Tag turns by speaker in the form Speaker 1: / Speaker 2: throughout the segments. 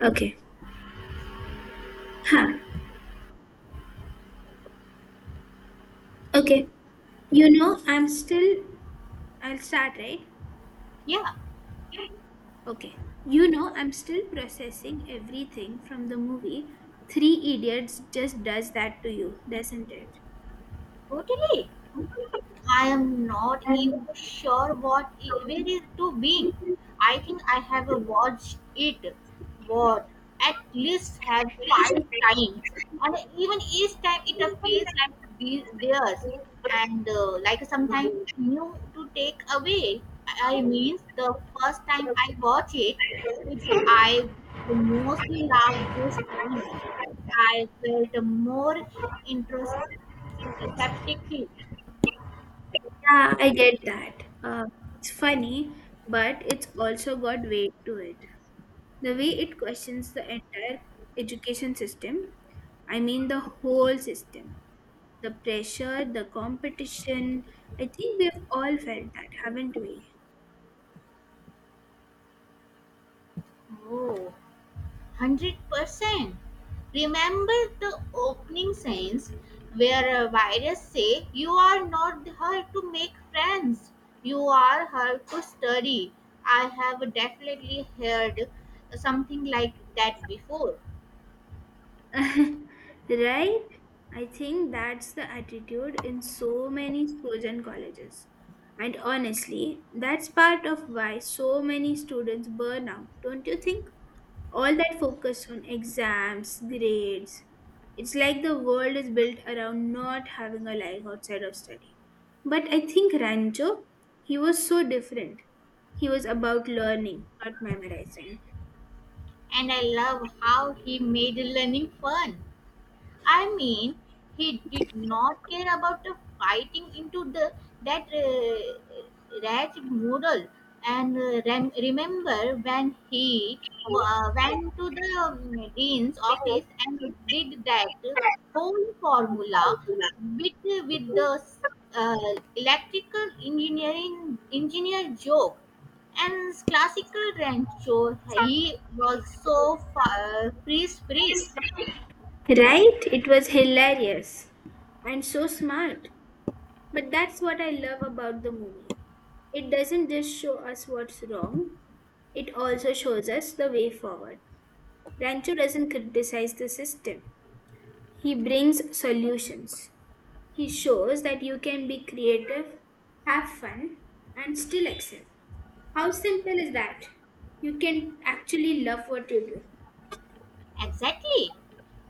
Speaker 1: Okay. Huh. Okay. I'm still. I'll start, right?
Speaker 2: Yeah,
Speaker 1: Okay. I'm still processing everything from the movie. Three Idiots just does that to you, doesn't it?
Speaker 2: totally. I am not even
Speaker 1: Um,
Speaker 2: sure what where is to being. I think I have watched it, what at least have five times, and even each time it appears like theirs, and like sometimes new to take away. I mean, the first time I watch it, it I mostly loved this time. I felt more introspective.
Speaker 1: Yeah, I get that. It's funny, but it's also got weight to it. The way it questions the entire education system. I mean, the whole system, the pressure, the competition. I think we've all felt that, haven't we?
Speaker 2: Oh, 100%. Remember the opening scenes where a virus say you are not here to make friends. You are here to study. I have definitely heard something like that before.
Speaker 1: Right, I think that's the attitude in so many schools and colleges, and honestly, that's part of why so many students burn out, don't you think? All that focus on exams, grades. It's like the world is built around not having a life outside of study. But I think Rancho, he was so different. He was about learning, not memorizing.
Speaker 2: And I love how he made learning fun. I mean, he did not care about the fighting into the that wretched mural. And remember when he went to the dean's office and did that whole formula with with the uh, electrical engineer joke and classical Rancho. He was so free spirit.
Speaker 1: Right? It was hilarious and so smart. But that's what I love about the movie. It doesn't just show us what's wrong, it also shows us the way forward. Rancho doesn't criticize the system, he brings solutions. He shows that you can be creative, have fun, and still excel. How simple is that? You can actually love what you do.
Speaker 2: Exactly.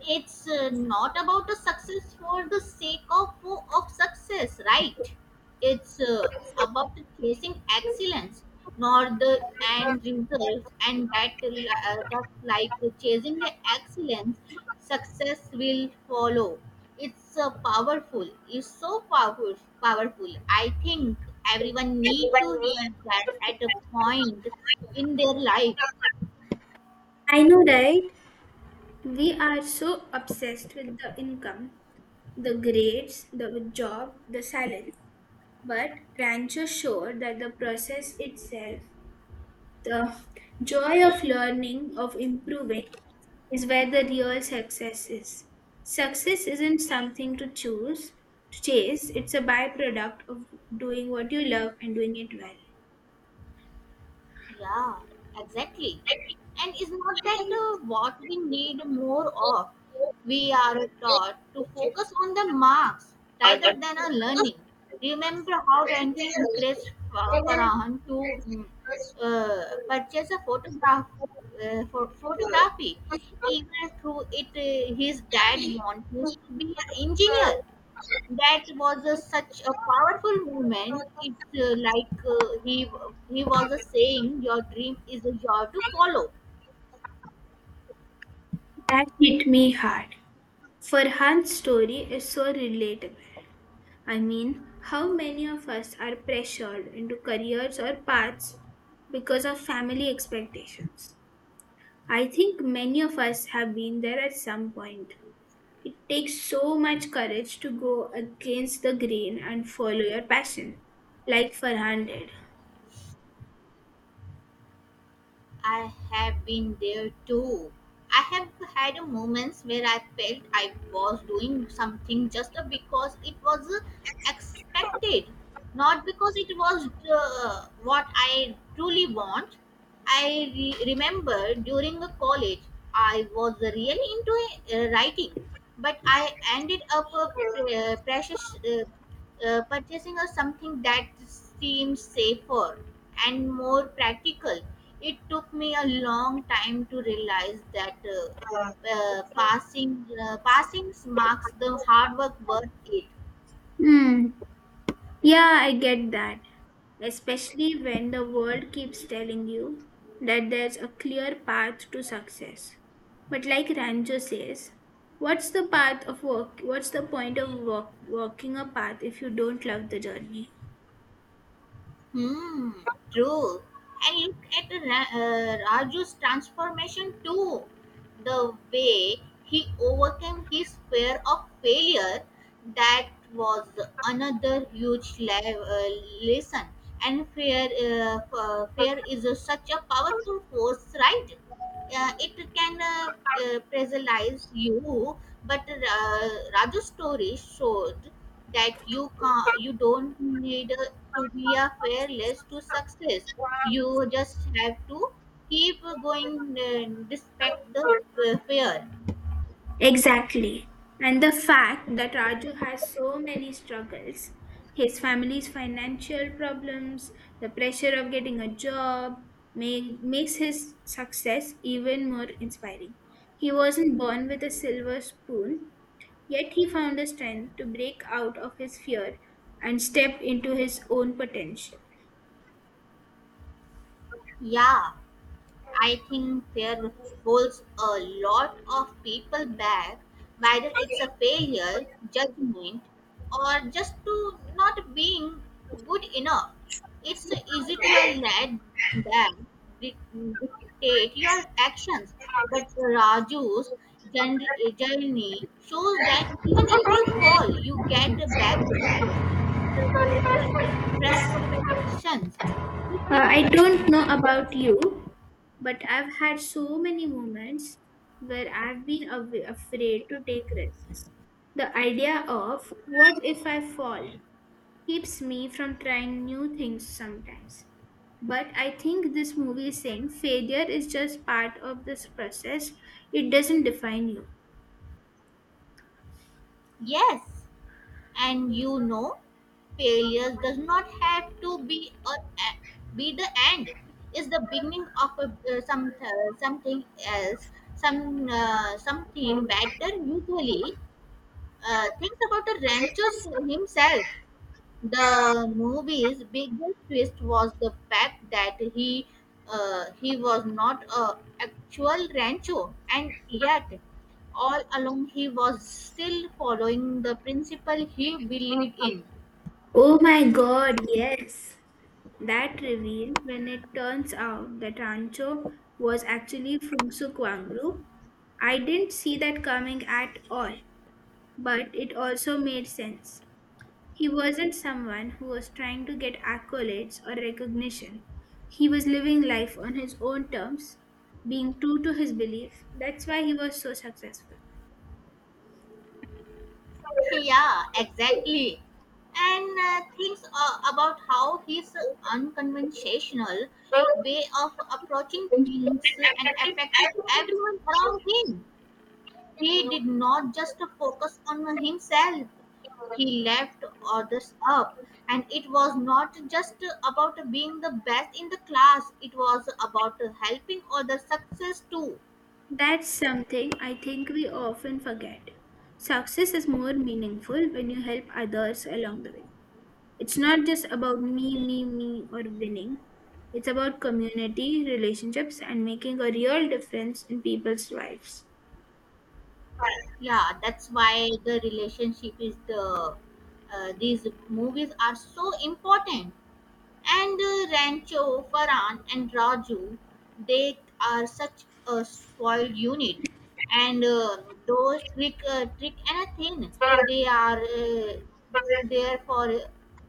Speaker 2: It's not about a success for the sake of success, right? It's about chasing excellence, not the end result, and that like chasing the excellence, success will follow. It's powerful. It's so powerful. Powerful. I think everyone need to hear that at a point in their life.
Speaker 1: I know, right? We are so obsessed with the income, the grades, the job, the salary. But Rancho showed that the process itself, the joy of learning, of improving, is where the real success is. Success isn't something to choose, to chase, it's a byproduct of doing what you love and doing it well.
Speaker 2: Yeah, exactly. And it's not that what we need more of. We are taught to focus on the marks rather than our learning. Remember how Renji encouraged Farhan to purchase a photograph, for photography, even through it, his dad wanted him to be an engineer. That was such a powerful movement. It's like he was a saying, "Your dream is a job to follow."
Speaker 1: That hit me hard. Farhan's story is so relatable. I mean, how many of us are pressured into careers or paths because of family expectations? I think many of us have been there at some point. It takes so much courage to go against the grain and follow your passion, like Farhan did.
Speaker 2: I have been there too. I have had moments where I felt I was doing something just because it was expected, not because it was what I truly want. I remember during a college, I was really into writing, but I ended up purchasing of something that seems safer and more practical. It took me a long time to realize that passing marks the hard work worth it.
Speaker 1: Hmm. Yeah, I get that. Especially when the world keeps telling you that there's a clear path to success. But like Ranjo says, what's the path of work? What's the point of walking a path if you don't love the journey?
Speaker 2: Hmm, true. And look at Raju's transformation too. The way he overcame his fear of failure, that was another huge lesson. And fear is such a powerful force, right? It can paralyze you, but Raju's story showed that you can not you don't need to be a fearless to success. You just have to keep going uh, despite the fear.
Speaker 1: Exactly. And the fact that Raju has so many struggles, his family's financial problems, the pressure of getting a job, makes his success even more inspiring. He wasn't born with a silver spoon, yet he found the strength to break out of his fear and step into his own potential.
Speaker 2: Yeah, I think fear holds a lot of people back, whether it's a failure, judgment, or just to not being good enough. It's easy to let that di- dictate your actions, but Raju's journ- journey shows that even if you fall, you get back up. It's about the perceptions,
Speaker 1: I
Speaker 2: reflections.
Speaker 1: don't know about you, but I've had so many moments where I've been afraid to take risks. The idea of what if I fall keeps me from trying new things sometimes. But I think this movie is saying failure is just part of this process, it doesn't define you.
Speaker 2: Yes. And failure does not have to be the end. It's the beginning of a, some something else, something better usually. Thinks about the rancher himself. The movie's biggest twist was the fact that he was not a actual rancho, and yet all along he was still following the principle he believed in.
Speaker 1: Oh my god, yes! That reveal when it turns out that Rancho was actually from Sukwangru, I didn't see that coming at all. But it also made sense. He wasn't someone who was trying to get accolades or recognition. He was living life on his own terms, being true to his belief. That's why he was so successful.
Speaker 2: Yeah, exactly. And things about how his unconventional way of approaching things and affected everyone around him. He did not just focus on himself, he left others up. And it was not just about being the best in the class, it was about helping others success too.
Speaker 1: That's something I think we often forget. Success is more meaningful when you help others along the way. It's not just about me, me, me, or winning. It's about community, relationships, and making a real difference in people's lives.
Speaker 2: Yeah, that's why the relationship is these movies are so important. And Rancho, Farhan, and Raju, they are such a spoiled unit. And those trick and a thing, they are there for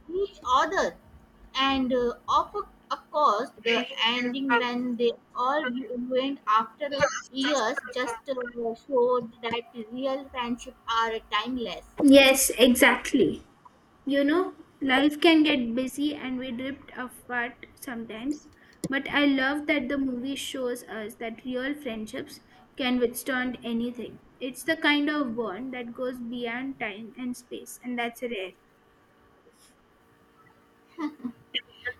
Speaker 2: each other. And of course, the ending when they all went after years just showed that real friendship are timeless.
Speaker 1: Yes, exactly. You know, life can get busy and we drift apart sometimes, but I love that the movie shows us that real friendships can withstand anything. It's the kind of bond that goes beyond time and space, and that's rare.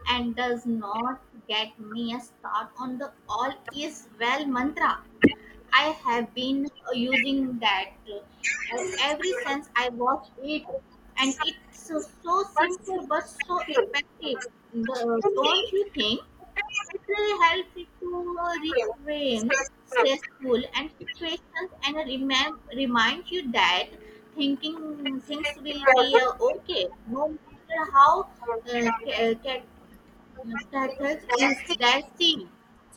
Speaker 2: And does not get me a start on the all is well mantra. I have been using that ever since I watched it, and it's so simple but so effective. Don't you think? It really helps you to reframe stressful and situations and remind you that thinking things will be okay no matter how uh, ca- subtitles is that thing,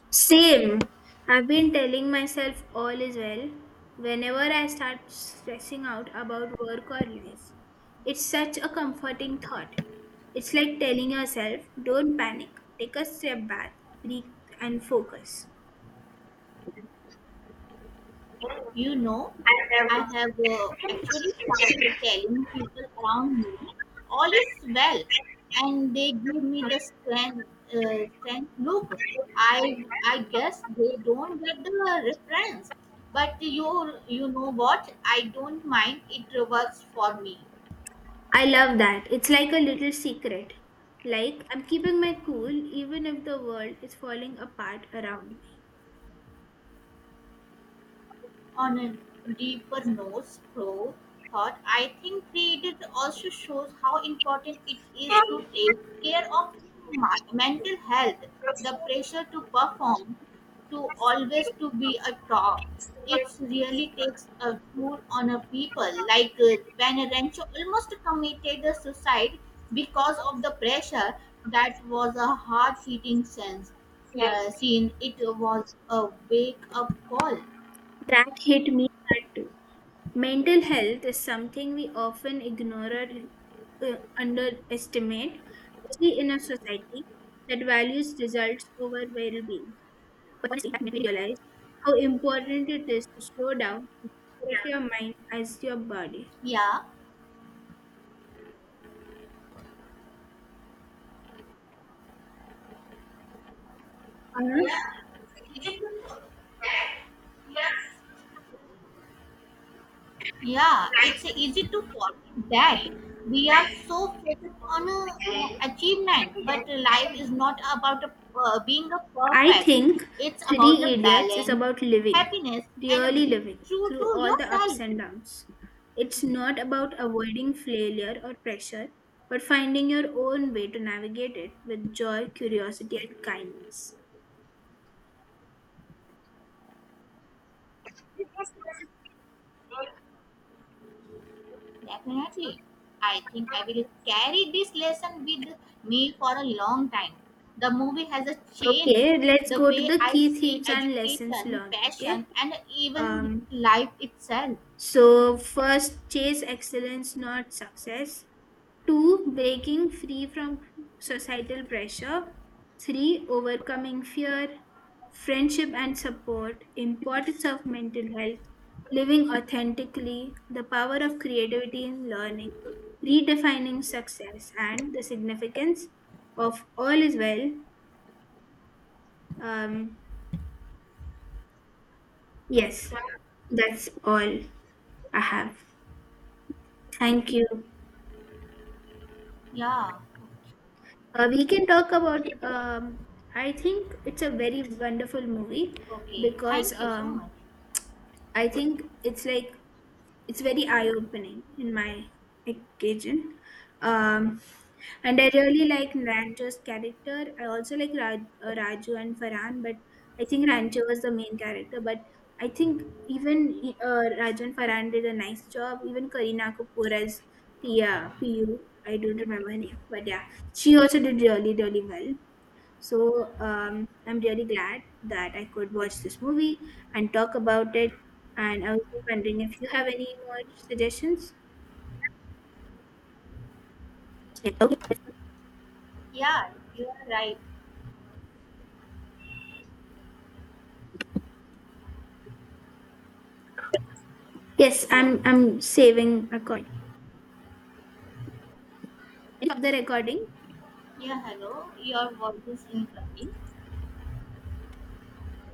Speaker 1: Same. I've been telling myself all is well whenever I start stressing out about work or life. It's such a comforting thought. It's like telling yourself, don't panic, take a step back, breathe, and focus.
Speaker 2: you know. I have actually started telling people around me all is well, and they give me the strength. Strength. Look, I I guess they don't get the reference, but you know what? I don't mind. It works for me.
Speaker 1: I love that. It's like a little secret. Like, I'm keeping my cool even if the world is falling apart around me.
Speaker 2: On a deeper note, Crow thought I think created also shows how important it is to take care of my mental health. The pressure to perform, to always to be a top, it really takes a toll on a people. Like when Rancho almost committed a suicide because of the pressure. That was a hard-hitting sense scene. It was a wake-up call.
Speaker 1: That hit me hard too. Mental health is something we often ignore or underestimate, especially in a society that values results over well being. But once that made me realize how important it is to slow down, protect your mind as your body.
Speaker 2: Yeah.
Speaker 1: Anush?
Speaker 2: Yeah, it's easy to forget that we are so focused on achievement, but life is not about being a
Speaker 1: I
Speaker 2: perfect.
Speaker 1: think
Speaker 2: It's about
Speaker 1: Three
Speaker 2: the
Speaker 1: Idiots is
Speaker 2: balance,
Speaker 1: about living,
Speaker 2: happiness, and
Speaker 1: really
Speaker 2: being
Speaker 1: living,
Speaker 2: true
Speaker 1: through
Speaker 2: to
Speaker 1: all the
Speaker 2: yourself.
Speaker 1: ups and downs. It's not about avoiding failure or pressure, but finding your own way to navigate it with joy, curiosity, and kindness.
Speaker 2: Definitely, I think I will carry this lesson with me for a long time. The movie has a change
Speaker 1: Okay, let's
Speaker 2: the
Speaker 1: go to
Speaker 2: way
Speaker 1: the
Speaker 2: I
Speaker 1: key
Speaker 2: see
Speaker 1: themes and lessons
Speaker 2: education,
Speaker 1: learned. Okay.
Speaker 2: passion, and even
Speaker 1: Um,
Speaker 2: life itself.
Speaker 1: so first, chase excellence, not success. Two, breaking free from societal pressure. Three, overcoming fear. Friendship and support. Importance of mental health. Living authentically. The power of creativity in learning. Redefining success and the significance of all is well. Um, yes, that's all I have. Thank you.
Speaker 2: Yeah.
Speaker 1: We can talk about. I think it's a very wonderful movie
Speaker 2: Okay,
Speaker 1: because
Speaker 2: thank you so much.
Speaker 1: I think it's like it's very eye-opening in my occasion. Um, and I really like Rancho's character. I also like Raj, Raju and Farhan, but I think Rancho was the main character. But I think even Raju and Farhan did a nice job. Even Kareena Kapoor as Pia, Piu, I don't remember her name, but yeah, she also did really, really well. So I'm really glad that I could watch this movie and talk about it. And I was wondering if you have any more suggestions. Yeah, okay.
Speaker 2: Yeah, you are right.
Speaker 1: Yes,
Speaker 2: Hello.
Speaker 1: I'm saving a coin. End of the recording.
Speaker 2: Yeah, hello. Your voice is incoming.